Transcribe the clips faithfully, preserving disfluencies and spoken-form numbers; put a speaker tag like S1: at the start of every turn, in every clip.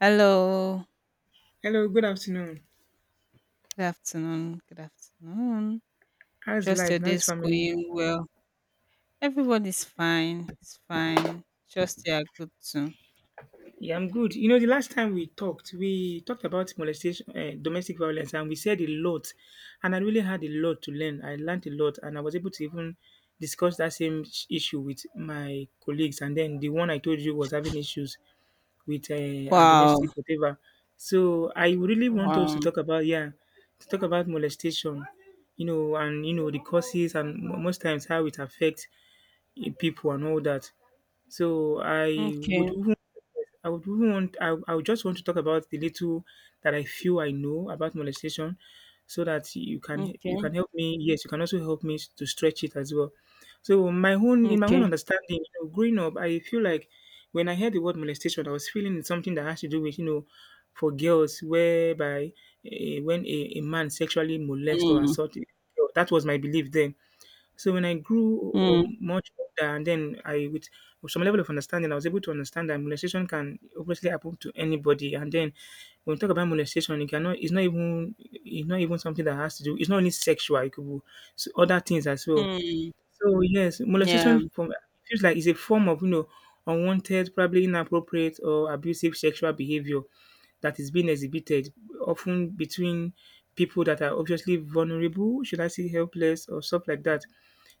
S1: Hello.
S2: Hello, good afternoon.
S1: Good afternoon. Good afternoon.
S2: How's
S1: Trust
S2: life?
S1: your
S2: How's
S1: day's
S2: family?
S1: going well. Everybody's fine. It's fine. Trust you are good too.
S2: Yeah, I'm good. You know, the last time we talked, we talked about molestation, uh, domestic violence, and we said a lot. And I really had a lot to learn. I learned a lot, and I was able to even discuss that same sh- issue with my colleagues. And then the one I told you was having issues with uh, a
S1: Wow.
S2: domestic whatever. So I really want us to
S1: Wow.
S2: talk about, yeah, to talk about molestation, you know, and you know the causes and mo- most times how it affects, eh, people and all that. So I
S1: Okay.
S2: would even I would even want I, I would just want to talk about the little that I feel I know about molestation so that you can you
S1: Okay.
S2: can help me. Yes, you can also help me to stretch it as well. So my own in my
S1: Okay.
S2: own understanding, you know, growing up, I feel like when I heard the word molestation, I was feeling it's something that has to do with, you know, for girls whereby uh, when a, a man sexually molest or
S1: Mm.
S2: assault a girl, that was my belief then. So when I grew
S1: Mm.
S2: um, much older, and then I with some level of understanding, I was able to understand that molestation can obviously happen to anybody. And then when we talk about molestation, it cannot it's not even it's not even something that has to do. It's not only sexual; it could be s- other things as well.
S1: Mm.
S2: So yes,
S1: Yeah.
S2: molestation from feels like it's a form of, you know, unwanted, probably inappropriate or abusive sexual behavior that is being exhibited often between people that are obviously vulnerable, should I say helpless or stuff like that.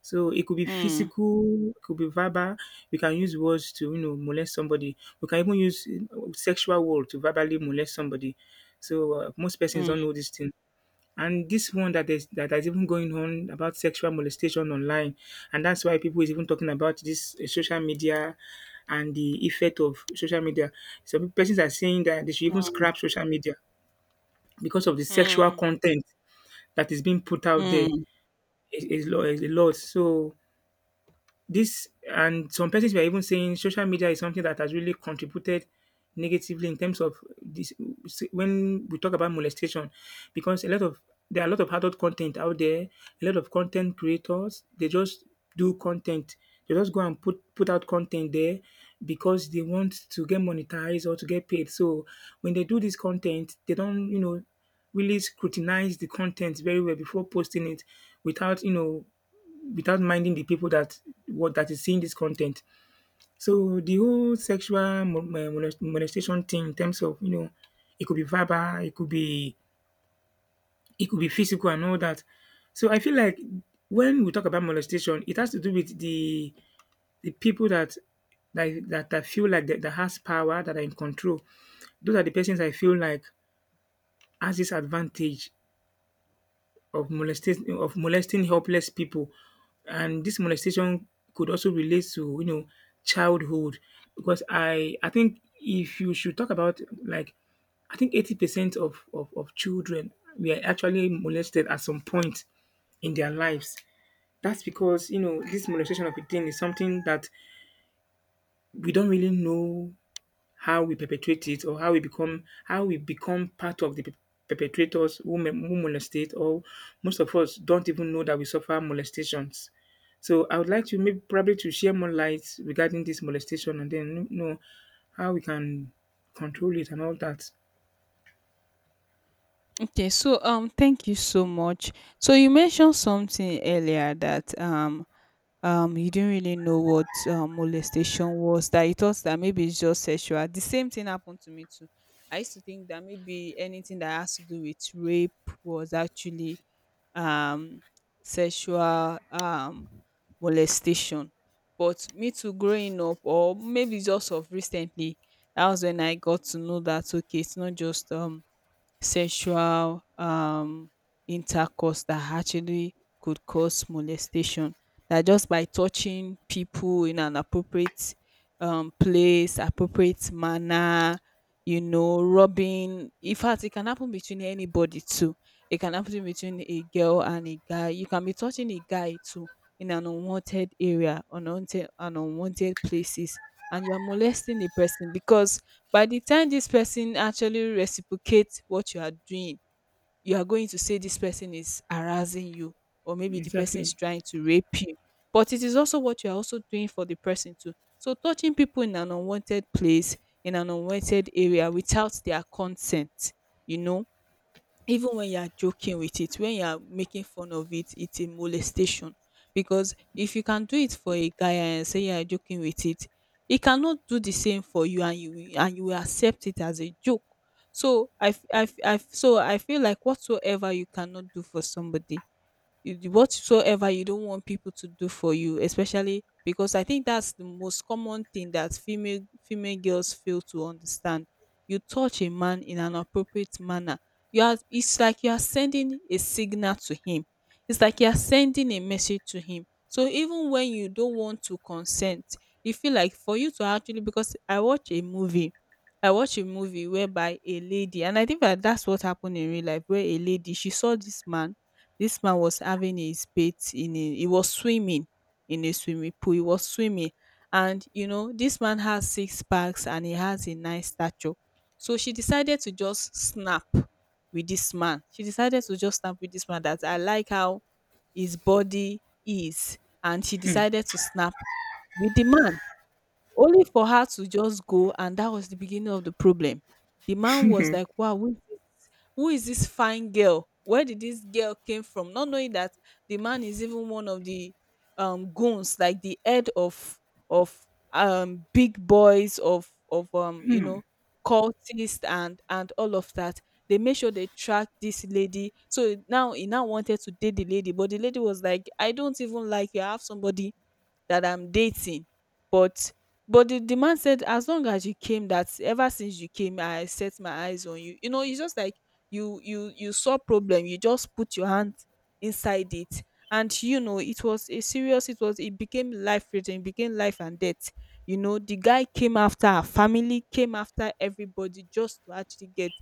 S2: So it could be
S1: Mm.
S2: physical, it could be verbal. We can use words to, you know, molest somebody. We can even use uh, sexual word to verbally molest somebody. So uh, most persons
S1: Mm.
S2: don't know this thing. And this one that is that is even going on about sexual molestation online, and that's why people is even talking about this uh, social media and the effect of social media. Some persons are saying that they should even
S1: Mm.
S2: scrap social media because of the sexual
S1: Mm.
S2: content that is being put out there
S1: Mm.
S2: is, is, lo- is a lot. So this and some persons were even saying social media is something that has really contributed negatively in terms of this when we talk about molestation because a lot of there are a lot of adult content out there, a lot of content creators, they just do content. They just go and put put out content there because they want to get monetized or to get paid. So when they do this content, they don't, you know, really scrutinize the content very well before posting it without, you know, without minding the people that what that is seeing this content. So the whole sexual mo- mo- molest- molestation thing in terms of, you know, it could be verbal, it could be it could be physical and all that. So I feel like when we talk about molestation, it has to do with the the people that that that, that feel like that, that has power, that are in control. Those are the persons I feel like has this advantage of molestation of molesting helpless people. And this molestation could also relate to, you know, childhood because I I think if you should talk about, like, I think eighty percent of, of, of children were actually molested at some point in their lives. That's because, you know, this molestation of a thing is something that we don't really know how we perpetrate it or how we become how we become part of the pe- perpetrators who, mo- who molestate or most of us don't even know that we suffer molestations. So I would like to maybe probably to share more light regarding this molestation and then, you know, how we can control it and all that.
S1: Okay, so um, thank you so much. So you mentioned something earlier that um, um, you didn't really know what um, molestation was. That you thought that maybe it's just sexual. The same thing happened to me too. I used to think that maybe anything that has to do with rape was actually um, sexual um, molestation. But me too, growing up, or maybe just of recently, that was when I got to know that okay, it's not just um sexual um, intercourse that actually could cause molestation. That just by touching people in an appropriate um, place, appropriate manner, you know, rubbing. In fact, it can happen between anybody too. It can happen between a girl and a guy. You can be touching a guy too in an unwanted area, unwanted, and unwanted places, and you're molesting the person because by the time this person actually reciprocate what you are doing, you are going to say this person is harassing you, or maybe the person is
S2: Exactly.
S1: trying to rape you, but it is also what you are also doing for the person too. So touching people in an unwanted place, in an unwanted area without their consent, you know, even when you are joking with it, when you are making fun of it, it's a molestation. Because if you can do it for a guy and say you are joking with it, he cannot do the same for you, and you will- and you will accept it as a joke. So I, f- I, f- I f- so I feel like whatsoever you cannot do for somebody, you d- whatsoever you don't want people to do for you, especially because I think that's the most common thing that female female girls fail to understand. You touch a man in an appropriate manner, you are, it's like you are sending a signal to him, it's like you are sending a message to him. So even when you don't want to consent, you feel like for you to actually, because i watch a movie I watched a movie whereby a lady, and I think that that's what happened in real life, where a lady, she saw this man. This man was having his bath in a, he was swimming in a swimming pool. He was swimming. And you know, this man has six packs and he has a nice stature. So she decided to just snap with this man. She decided to just snap with this man, that I like how his body is. And she decided to snap with the man. Only for her to just go, and that was the beginning of the problem. The man was like, wow, who is, who is this fine girl, where did this girl came from, not knowing that the man is even one of the um goons, like the head of of um big boys of of um you know, cultists and and all of that. They made sure they tracked this lady. So now he now wanted to date the lady, but the lady was like, I don't even like you, I have somebody that I'm dating. But but the, the man said, as long as you came, that ever since you came, I set my eyes on you. You know, it's just like you you you saw problem, you just put your hand inside it. And you know, it was a serious, it was, it became life threatening, it became life and death. You know, the guy came after her family, came after everybody just to actually get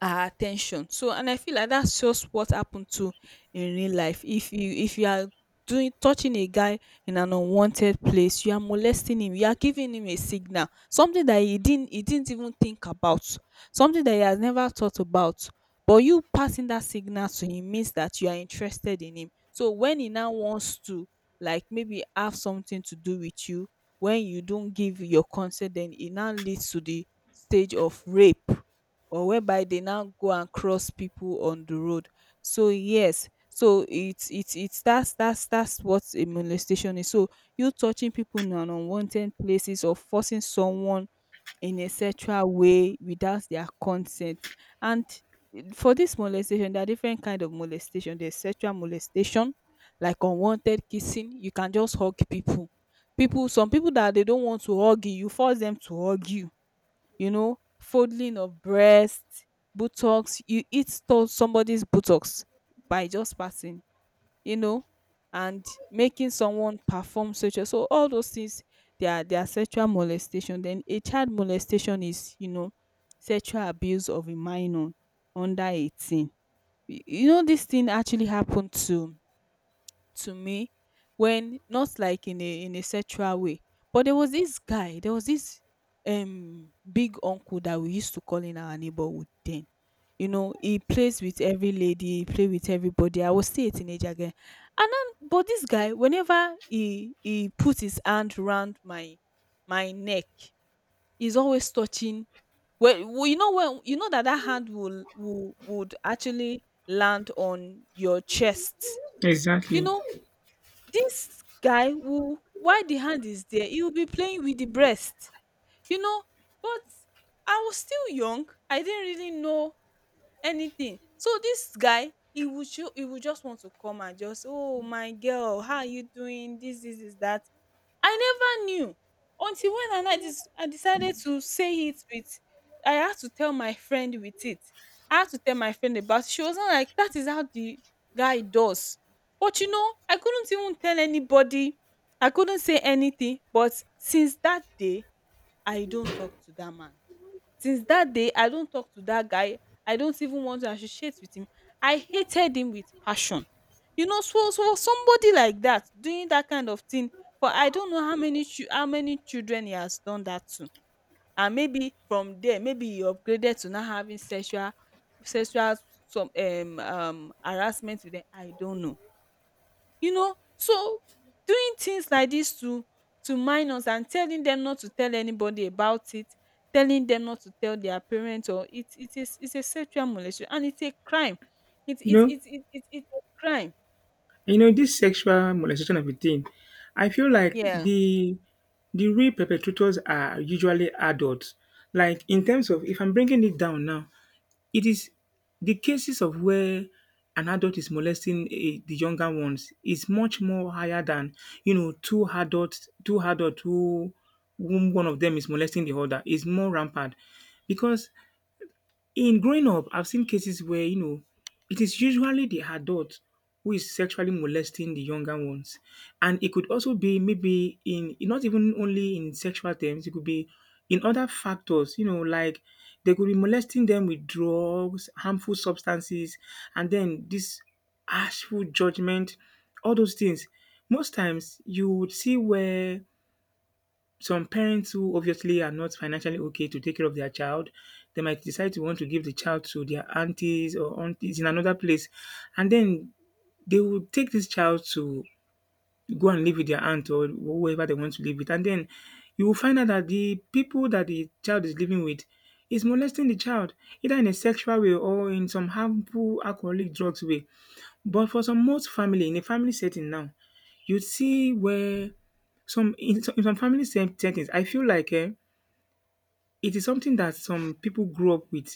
S1: our attention. So and I feel like that's just what happened to, in real life. If you if you are doing, touching a guy in an unwanted place, you are molesting him, you are giving him a signal, something that he didn't he didn't even think about, something that he has never thought about. But you passing that signal to him means that you are interested in him. So when he now wants to like maybe have something to do with you, when you don't give your consent, then it now leads to the stage of rape, or whereby they now go and cross people on the road. So yes, so it's it's it's that's that's that's what a molestation is. So you touching people in an unwanted places, or forcing someone in a sexual way without their consent. And for this molestation, there are different kind of molestation. There's sexual molestation, like unwanted kissing. You can just hug people. People, some people that they don't want to hug you, you force them to hug you, you know, folding of breasts, buttocks. You eat to- somebody's buttocks by just passing, you know, and making someone perform sexual. So all those things, they are they are sexual molestation. Then a child molestation is, you know, sexual abuse of a minor under eighteen. Y- You know, this thing actually happened to to me, when, not like in a, in a sexual way, but there was this guy, there was this um big uncle that we used to call in our neighborhood then. You know, he plays with every lady, he play with everybody. I was still a teenager again. And then, but this guy, whenever he he put his hand round my my neck, he's always touching, well, well, you know, when you know that that hand will, will would actually land on your chest, you
S2: Exactly.
S1: know. This guy will, while the hand is there, he will be playing with the breast, you know. But I was still young. I didn't really know anything. So this guy, he would show, he would just want to come and just, oh my girl, how are you doing? This, this, is that. I never knew, until when and I dis- I decided to say it with, I had to tell my friend with it. I had to tell my friend about it. She was not like, that is how the guy does. But you know, I couldn't even tell anybody. I couldn't say anything. But since that day, I don't talk to that man. Since that day, I don't talk to that guy. I don't even want to associate with him. I hated him with passion. You know, so so for somebody like that doing that kind of thing, for I don't know how many chil- how many children he has done that to. And maybe from there, maybe he upgraded to not having sexual sexual some um um harassment with them. I don't know, you know. So doing things like this to to minors, and telling them not to tell anybody about it, telling them not to tell their parents, or it it is it's a sexual molestation, and it's a crime. it
S2: You
S1: it
S2: know,
S1: it it, it it's a crime.
S2: you know this sexual molestation of a thing. I feel like
S1: Yeah.
S2: the the real perpetrators are usually adults. Like in terms of if I'm bringing it down now, it is the cases of where an adult is molesting a, the younger ones is much more higher than, you know, two adults, two adults who whom one of them is molesting the other is more rampant because in growing up, I've seen cases where, you know, it is usually the adult who is sexually molesting the younger ones. And it could also be maybe in not even only in sexual terms, it could be in other factors, you know, like they could be molesting them with drugs, harmful substances, and then this harshful judgment, all those things. Most times you would see where some parents who obviously are not financially okay to take care of their child, they might decide to want to give the child to their aunties or aunties in another place, and then they will take this child to go and live with their aunt or whoever they want to live with. And then you will find out that the people that the child is living with is molesting the child either in a sexual way or in some harmful alcoholic drugs way. But for some most family, in a family setting now, you see where some in some in some family set settings I feel like, eh. It is something that some people grew up with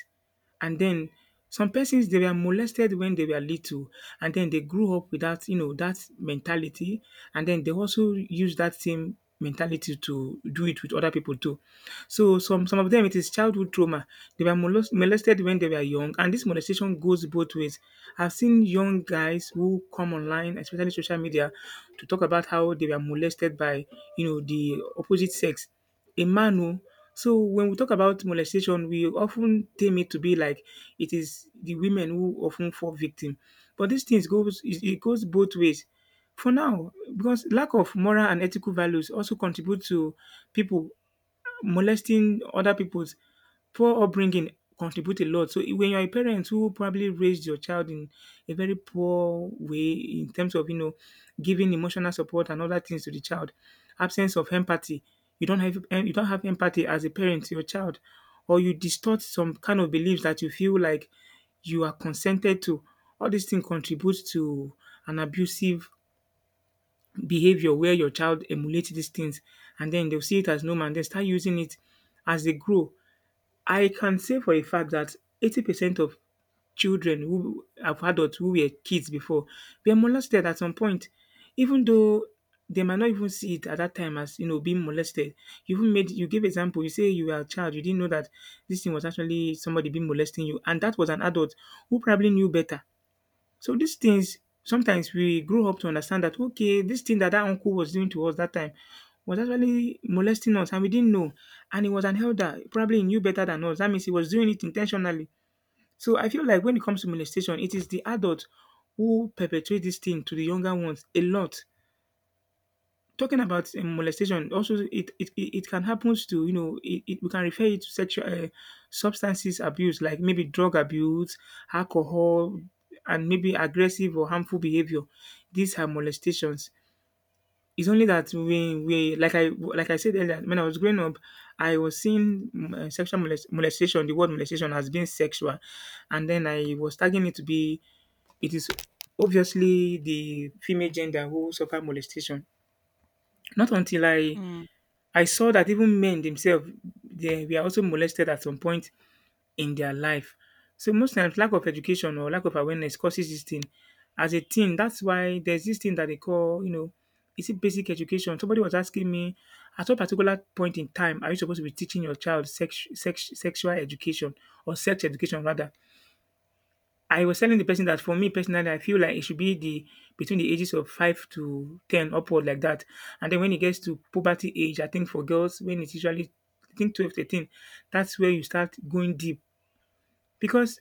S2: and then some persons they were molested when they were little and then they grew up with that, you know, that mentality and then they also use that same mentality to do it with other people too. So some some of them it is childhood trauma. They were molest- molested when they were young and this molestation goes both ways. I've seen young guys who come online, especially social media, to talk about how they were molested by, you know, the opposite sex a man oh. So when we talk about molestation, we often ten tame it to be like it is the women who often fall victim. But these things goes it it goes both ways. For now, because lack of moral and ethical values also contribute to people molesting other people's poor upbringing contribute a lot. So when you're a parent who probably raised your child in a very poor way in terms of, you know, giving emotional support and other things to the child, absence of empathy, you don't have em- you don't have empathy as a parent to your child, or you distort some kind of beliefs that you feel like you are consented to. All these things contribute to an abusive behavior where your child emulates these things and then they'll see it as normal and they start using it as they grow. I can say for a fact that eighty percent of children who of adults who were kids before were molested at some point, even though they might not even see it at that time as, you know, being molested. You even made you gave example, you say you were a child, you didn't know that this thing was actually somebody being molesting you, and that was an adult who probably knew better. So these things sometimes we grow up to understand that, okay, this thing that that uncle was doing to us that time was actually molesting us and we didn't know. And he was an elder, probably he knew better than us. That means he was doing it intentionally. So I feel like when it comes to molestation, it is the adult who perpetrate this thing to the younger ones a lot. Talking about um, molestation, also it it, it it can happen to, you know, it, it, we can refer it to sexual uh, substances abuse like maybe drug abuse, alcohol, and maybe aggressive or harmful behavior. These are molestations. It's only that we we like I like I said earlier when I was growing up, I was seeing mm, uh, sexual molest- molestation. The word molestation has been sexual, and then I was tagging it to be it is obviously the female gender who suffer molestation. Not until I
S1: Mm,
S2: I saw that even men themselves they were also molested at some point in their life. So most times lack of education or lack of awareness causes this thing. As a teen, that's why there's this thing that they call, you know, is it basic education? Somebody was asking me, at what particular point in time are you supposed to be teaching your child sex, sex, sexual education or sex education rather? I was telling the person that for me personally, I feel like it should be the between the ages of five to ten upward like that. And then when it gets to puberty age, I think for girls, when it's usually I think twelve, thirteen, that's where you start going deep. Because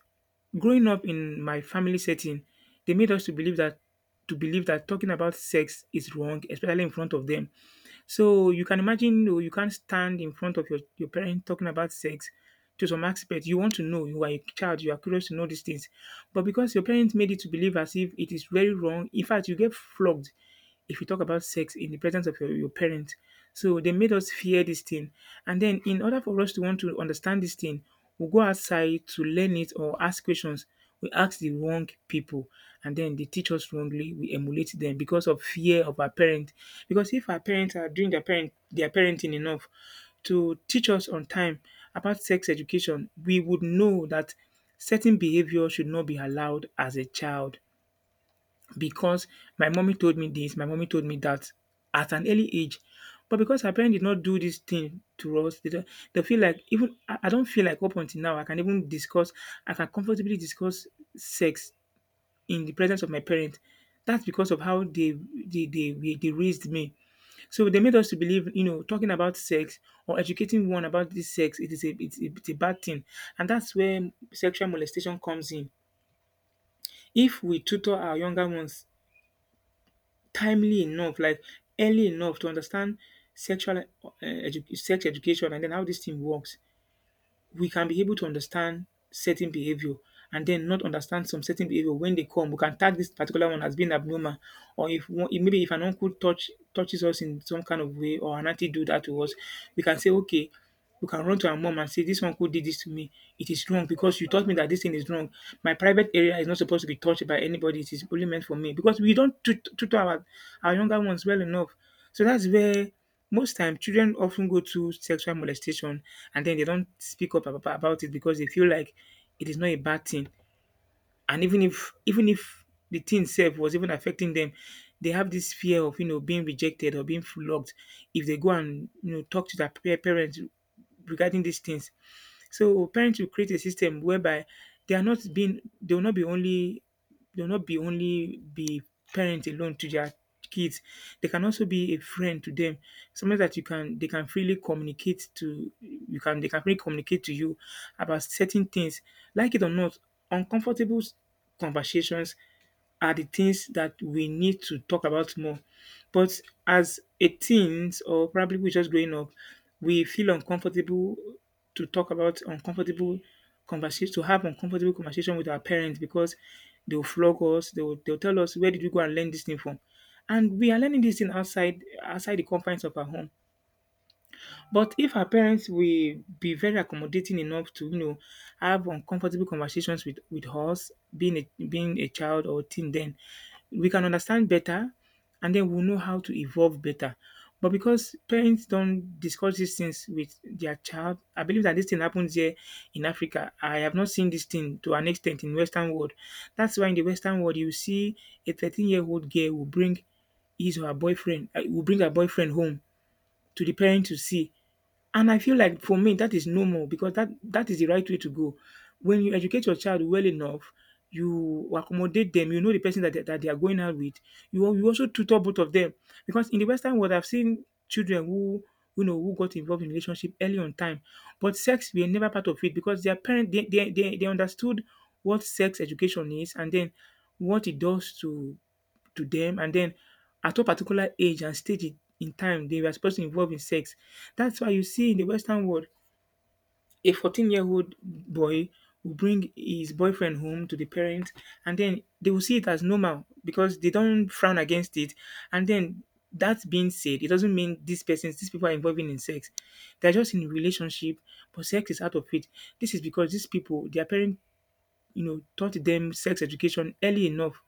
S2: growing up in my family setting, they made us to believe that to believe that talking about sex is wrong, especially in front of them. So you can imagine you, know, you can't stand in front of your, your parent talking about sex to some aspect. You want to know, you are a child, you are curious to know these things. But because your parents made it to believe as if it is very wrong, in fact, you get flogged if you talk about sex in the presence of your, your parents. So they made us fear this thing. And then in order for us to want to understand this thing, we go outside to learn it or ask questions. We ask the wrong people, and then they teach us wrongly. We emulate them because of fear of our parents. Because if our parents are doing their parent their parenting enough to teach us on time about sex education, we would know that certain behavior should not be allowed as a child, because my mommy told me this, my mommy told me that at an early age. But because her parents did not do this thing to us, they, don't, they feel like even I, I don't feel like up until now I can even discuss, I can comfortably discuss sex in the presence of my parents. That's because of how they they, they they they raised me. So they made us to believe, you know, talking about sex or educating one about this sex, it is a it's, a- it's a bad thing, and that's where sexual molestation comes in. If we tutor our younger ones timely enough, like early enough to understand sexual eh edu sex education and then how this thing works, we can be able to understand certain behavior and then not understand some certain behavior when they come. We can tag this particular one as being abnormal, or if one, if maybe if an uncle touch touches us in some kind of way, or an auntie do that to us, we can say, okay, we can run to our mom and say, this uncle did this to me. It is wrong because you taught me that this thing is wrong. My private area is not supposed to be touched by anybody. It is only meant for me, because we don't tut- tutor our our younger ones well enough. So that's where most time children often go to sexual molestation, and then they don't speak up ab- about it because they feel like it is not a bad thing, and even if even if the thing sef was even affecting them, they have this fear of you know being rejected or being flogged if they go and you know talk to their pa parent regarding these things. So parents will create a system whereby they are not being they will not be only they'll not be only be parent alone to their kids. They can also be a friend to them. Something that you can they can freely communicate to you can they can freely communicate to you about certain things. Like it or not, uncomfortable s- conversations are the things that we need to talk about more. But as a teens or probably we're just growing up, we feel uncomfortable to talk about uncomfortable conversation to have uncomfortable conversation with our parents, because they'll flog us, they'll they'll tell us, where did you go and learn this thing from? And we are learning this thing outside outside the confines of our home. But if her parents will be very accommodating enough to, you know, have uncomfortable conversations with with us being a being a child or teen then, we can understand better, and then we'll know how to evolve better. But because parents don't discuss these things with their child, I believe that this thing happens here in Africa. I have not seen this thing to an extent in Western world. That's why in the Western world you see a thirteen-year-old girl will bring his or her boyfriend uh, will bring her boyfriend home to the parent to see. And I feel like for me that is normal, because that that is the right way to go. When you educate your child well enough, you accommodate them, you know the person that they, that they are going out with. You al- you also tutor both of them, because in the Western world, I've seen children who you know who got involved in relationship early on time, but sex were never part of it, because their parents they they, they, they understood what sex education is and then what it does to to them and then at a particular age and stage in in time they were supposed to involve in sex. That's why you see in the Western world, a fourteen year old boy will bring his boyfriend home to the parents, and then they will see it as normal because they don't frown against it. And then, that being said, it doesn't mean these persons, these people are involving in sex. They're just in relationship, but sex is out of it. This is because these people, their parents, you know, taught them sex education early enough,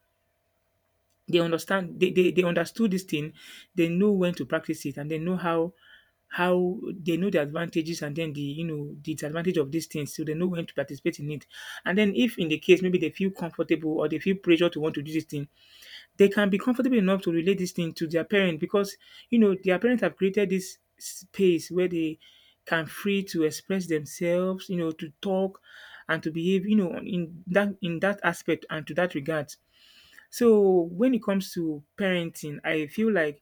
S2: they understand, they they, they understood this thing, they know when to practice it, and they know how how they know the advantages and then the you know the disadvantage of these things, so they know when to participate in it, and then if in the case maybe they feel comfortable or they feel pressure to want to do this thing, they can be comfortable enough to relate this thing to their parent, because you know their parents have created this space where they can free to express themselves, you know to talk and to behave, you know in that in that aspect and to that regard. So when it comes to parenting, I feel like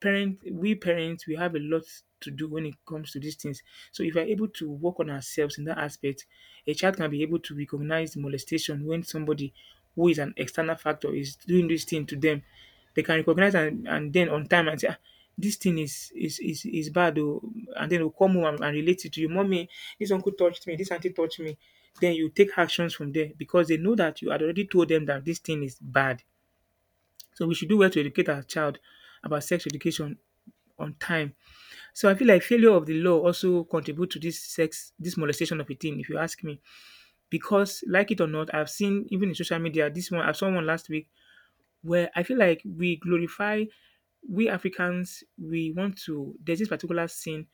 S2: parent we parents we have a lot to do when it comes to these things. So if we're able to work on ourselves in that aspect, a child can be able to recognize molestation when somebody who is an external factor is doing this thing to them. They can recognize, and, and then on time, and say, "Ah, this thing is is is, is bad oh." And then will come home and, and relate it to you. Mommy, this uncle touched me, this auntie touched me. Then you take actions from there, because they know that you had already told them that this thing is bad. So we should do well to educate our child about sex education on time. So I feel like failure of the law also contribute to this sex, this molestation of a teen, if you ask me. Because like it or not, I've seen even in social media this one. I saw one last week where I feel like we glorify, we Africans. We want to. There's this particular sin.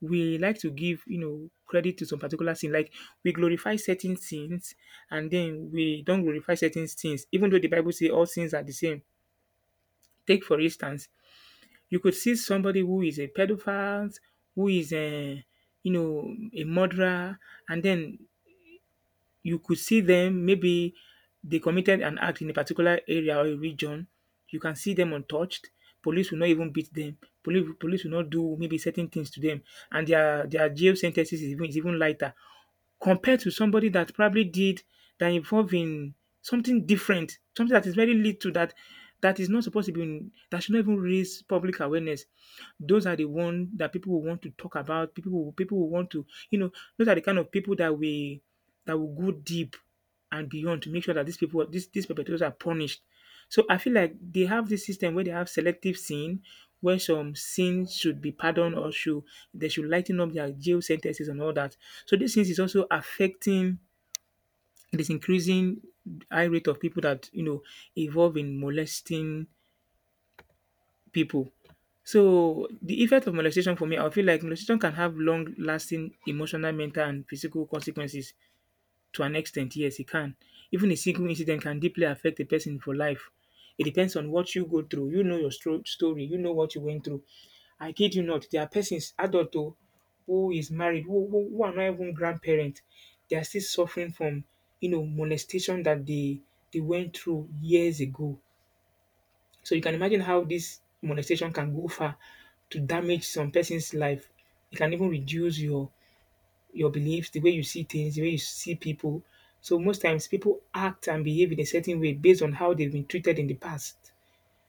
S2: We like to give, you know credit to some particular sin. Like, we glorify certain sins, and then we don't glorify certain sins, even though the Bible says all sins are the same. Take for instance, you could see somebody who is a pedophile, who is a you know a murderer, and then you could see them maybe they committed an act in a particular area or a region. You can see them untouched. Police will not even beat them. Police, police will not do maybe certain things to them, and their their jail sentences is even, is even lighter compared to somebody that probably did that involved in something different, something that is very little that that is not supposed to be in, that should not even raise public awareness. Those are the one that people will want to talk about. People will people will want to, you know those are the kind of people that we that will go deep and beyond to make sure that these people, these, these perpetrators are punished. So I feel like they have this system where they have selective sin, where some sins should be pardoned, or should, they should lighten up their jail sentences, and all that. So this things is also affecting this increasing high rate of people that you know involve in molesting people. So the effect of molestation for me, I feel like molestation can have long-lasting emotional, mental, and physical consequences. To an extent, yes, it can. Even a single incident can deeply affect a person for life. It depends on what you go through. You know your stro- story. You know what you went through. I kid you not. There are persons, adult oh, who is married, who, who, who are not even grandparents. They are still suffering from, you know, molestation that they they went through years ago. So you can imagine how this molestation can go far to damage some person's life. It can even reduce your your beliefs, the way you see things, the way you see people. So most times people act and behave in a certain way based on how they've been treated in the past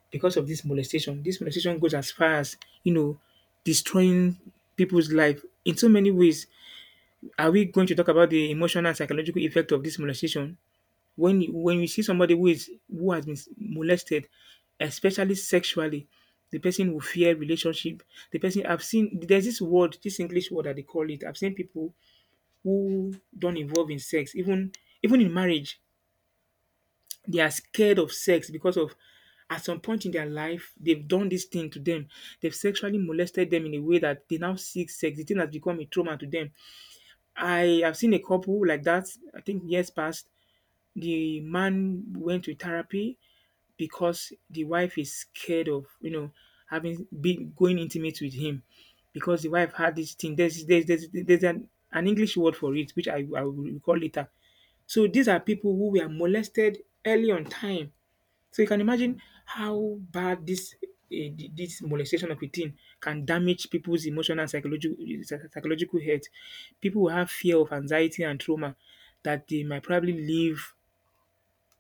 S2: because of this molestation. This molestation goes as far as, you know, destroying people's life in so many ways. Are we going to talk about the emotional and psychological effect of this molestation? When you, when you see somebody who is who has been molested, especially sexually, the person will fear relationship. The person I've seen there's this word, this English word that they call it. I've seen people who don't involve in sex, even even in marriage, they are scared of sex because of at some point in their life they've done this thing to them. They've sexually molested them in a way that they now seek sex. The thing has become a trauma to them. I have seen a couple like that. I think years past, the man went to therapy because the wife is scared of you know having be going intimate with him because the wife had this thing. There's there's there's, there's an, an English word for it, which I, I will recall later. So these are people who were molested early on time. So you can imagine how bad this eh, th- this molestation of a teen can damage people's emotional and psychological psychological health. People will have fear of anxiety and trauma that they might probably live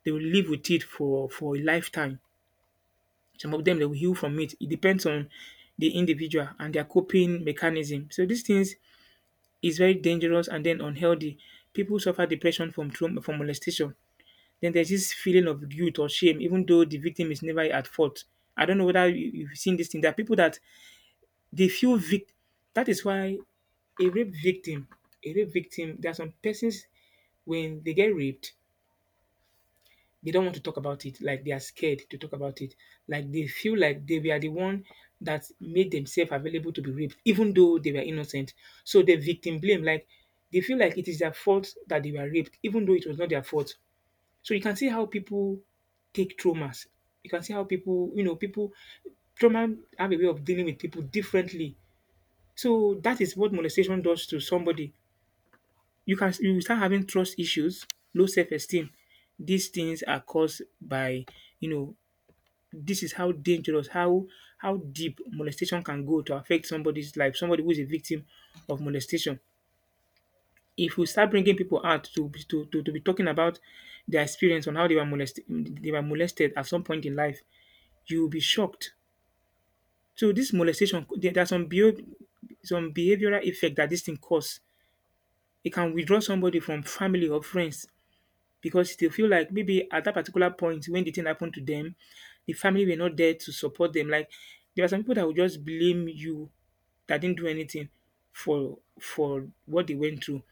S2: they will live with it for for a lifetime. Some of them they will heal from it. It depends on the individual and their coping mechanism. So these things is very dangerous and then unhealthy. People suffer depression from trauma from molestation. Then there's this feeling of guilt or shame, even though the victim is never at fault. I don't know whether you, you've seen this thing. There are people that they feel vic. That is why a rape victim, a rape victim, there are some persons when they get raped, they don't want to talk about it. Like they are scared to talk about it. Like they feel like they were the one that made themselves available to be raped, even though they were innocent. So the victim blame, like they feel like it is their fault that they were raped, even though it was not their fault. So you can see how people take traumas. You can see how people, you know, people trauma have a way of dealing with people differently. So that is what molestation does to somebody. You can you will start having trust issues, low self esteem. These things are caused by, you know, this is how dangerous, how how deep molestation can go to affect somebody's life, somebody who is a victim of molestation. If we start bringing people out to be to to to be talking about their experience on how they were molested they were molested at some point in life, you will be shocked. So this molestation, there there are some behav- some behavioral effect that this thing cause. It can withdraw somebody from family or friends because they feel like maybe at that particular point when the thing happened to them, the family were not there to support them. Like there are some people that will just blame you that didn't do anything for for what they went through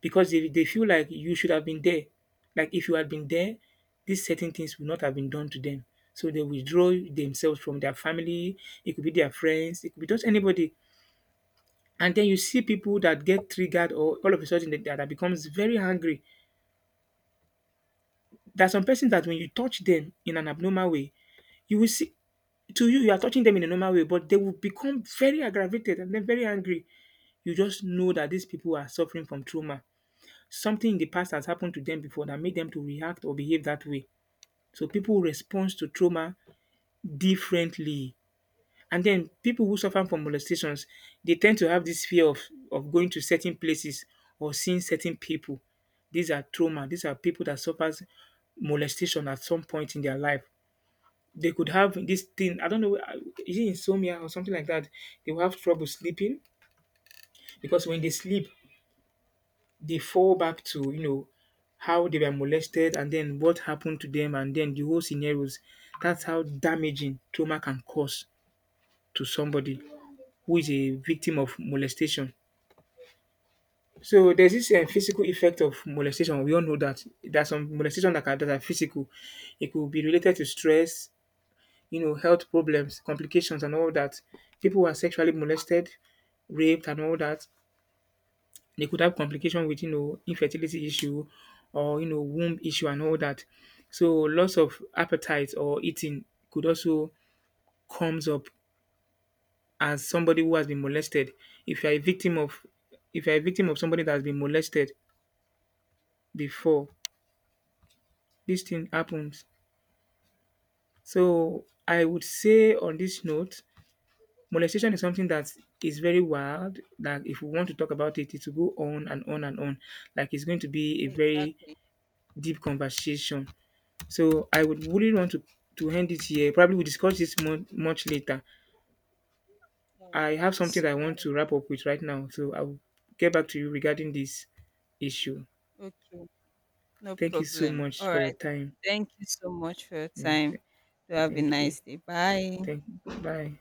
S2: because they, they feel like you should have been there. Like if you had been there, these certain things would not have been done to them. So they withdraw themselves from their family, it could be their friends, it could be just anybody. And then you see people that get triggered or all of a sudden that, that becomes very angry. There's some person that when you touch them in an abnormal way, you will see to you you are touching them in a normal way, but they will become very aggravated and then very angry. You just know that these people are suffering from trauma. Something in the past has happened to them before that made them to react or behave that way. So people respond to trauma differently. And then people who suffer from molestations, they tend to have this fear of, of going to certain places or seeing certain people. These are trauma. These are people that suffers molestation at some point in their life. They could have this thing. I don't know. uh, Is it insomnia or something like that? They will have trouble sleeping because when they sleep, they fall back to you know how they were molested and then what happened to them and then the whole scenarios. That's how damaging trauma can cause to somebody who is a victim of molestation. So there's this uh, physical effect of molestation. We all know that there's some molestation that are, that are physical. It could be related to stress, you know, health problems, complications, and all that. People who are sexually molested, raped, and all that. They could have complication with, you know, infertility issue or, you know, womb issue and all that. So loss of appetite or eating could also comes up as somebody who has been molested. If you're a victim of If you're a victim of somebody that has been molested before, this thing happens. So I would say on this note, molestation is something that is very wild. That if we want to talk about it, it will go on and on and on. Like it's going to be a very
S1: exactly.
S2: deep conversation. So I would really want to to end it here. Probably we'll discuss this mon- much later.
S1: All
S2: I
S1: right.
S2: have something that I
S1: All right.
S2: want to wrap up with right now, so I'll get back to you regarding this issue.
S1: Okay. No
S2: Thank you so
S1: problem.
S2: much
S1: All
S2: for your
S1: right.
S2: time.
S1: Thank you so much for your
S2: Yeah,
S1: time.
S2: th-
S1: Do have a
S2: thank you.
S1: nice day. Bye.
S2: Thank. Bye.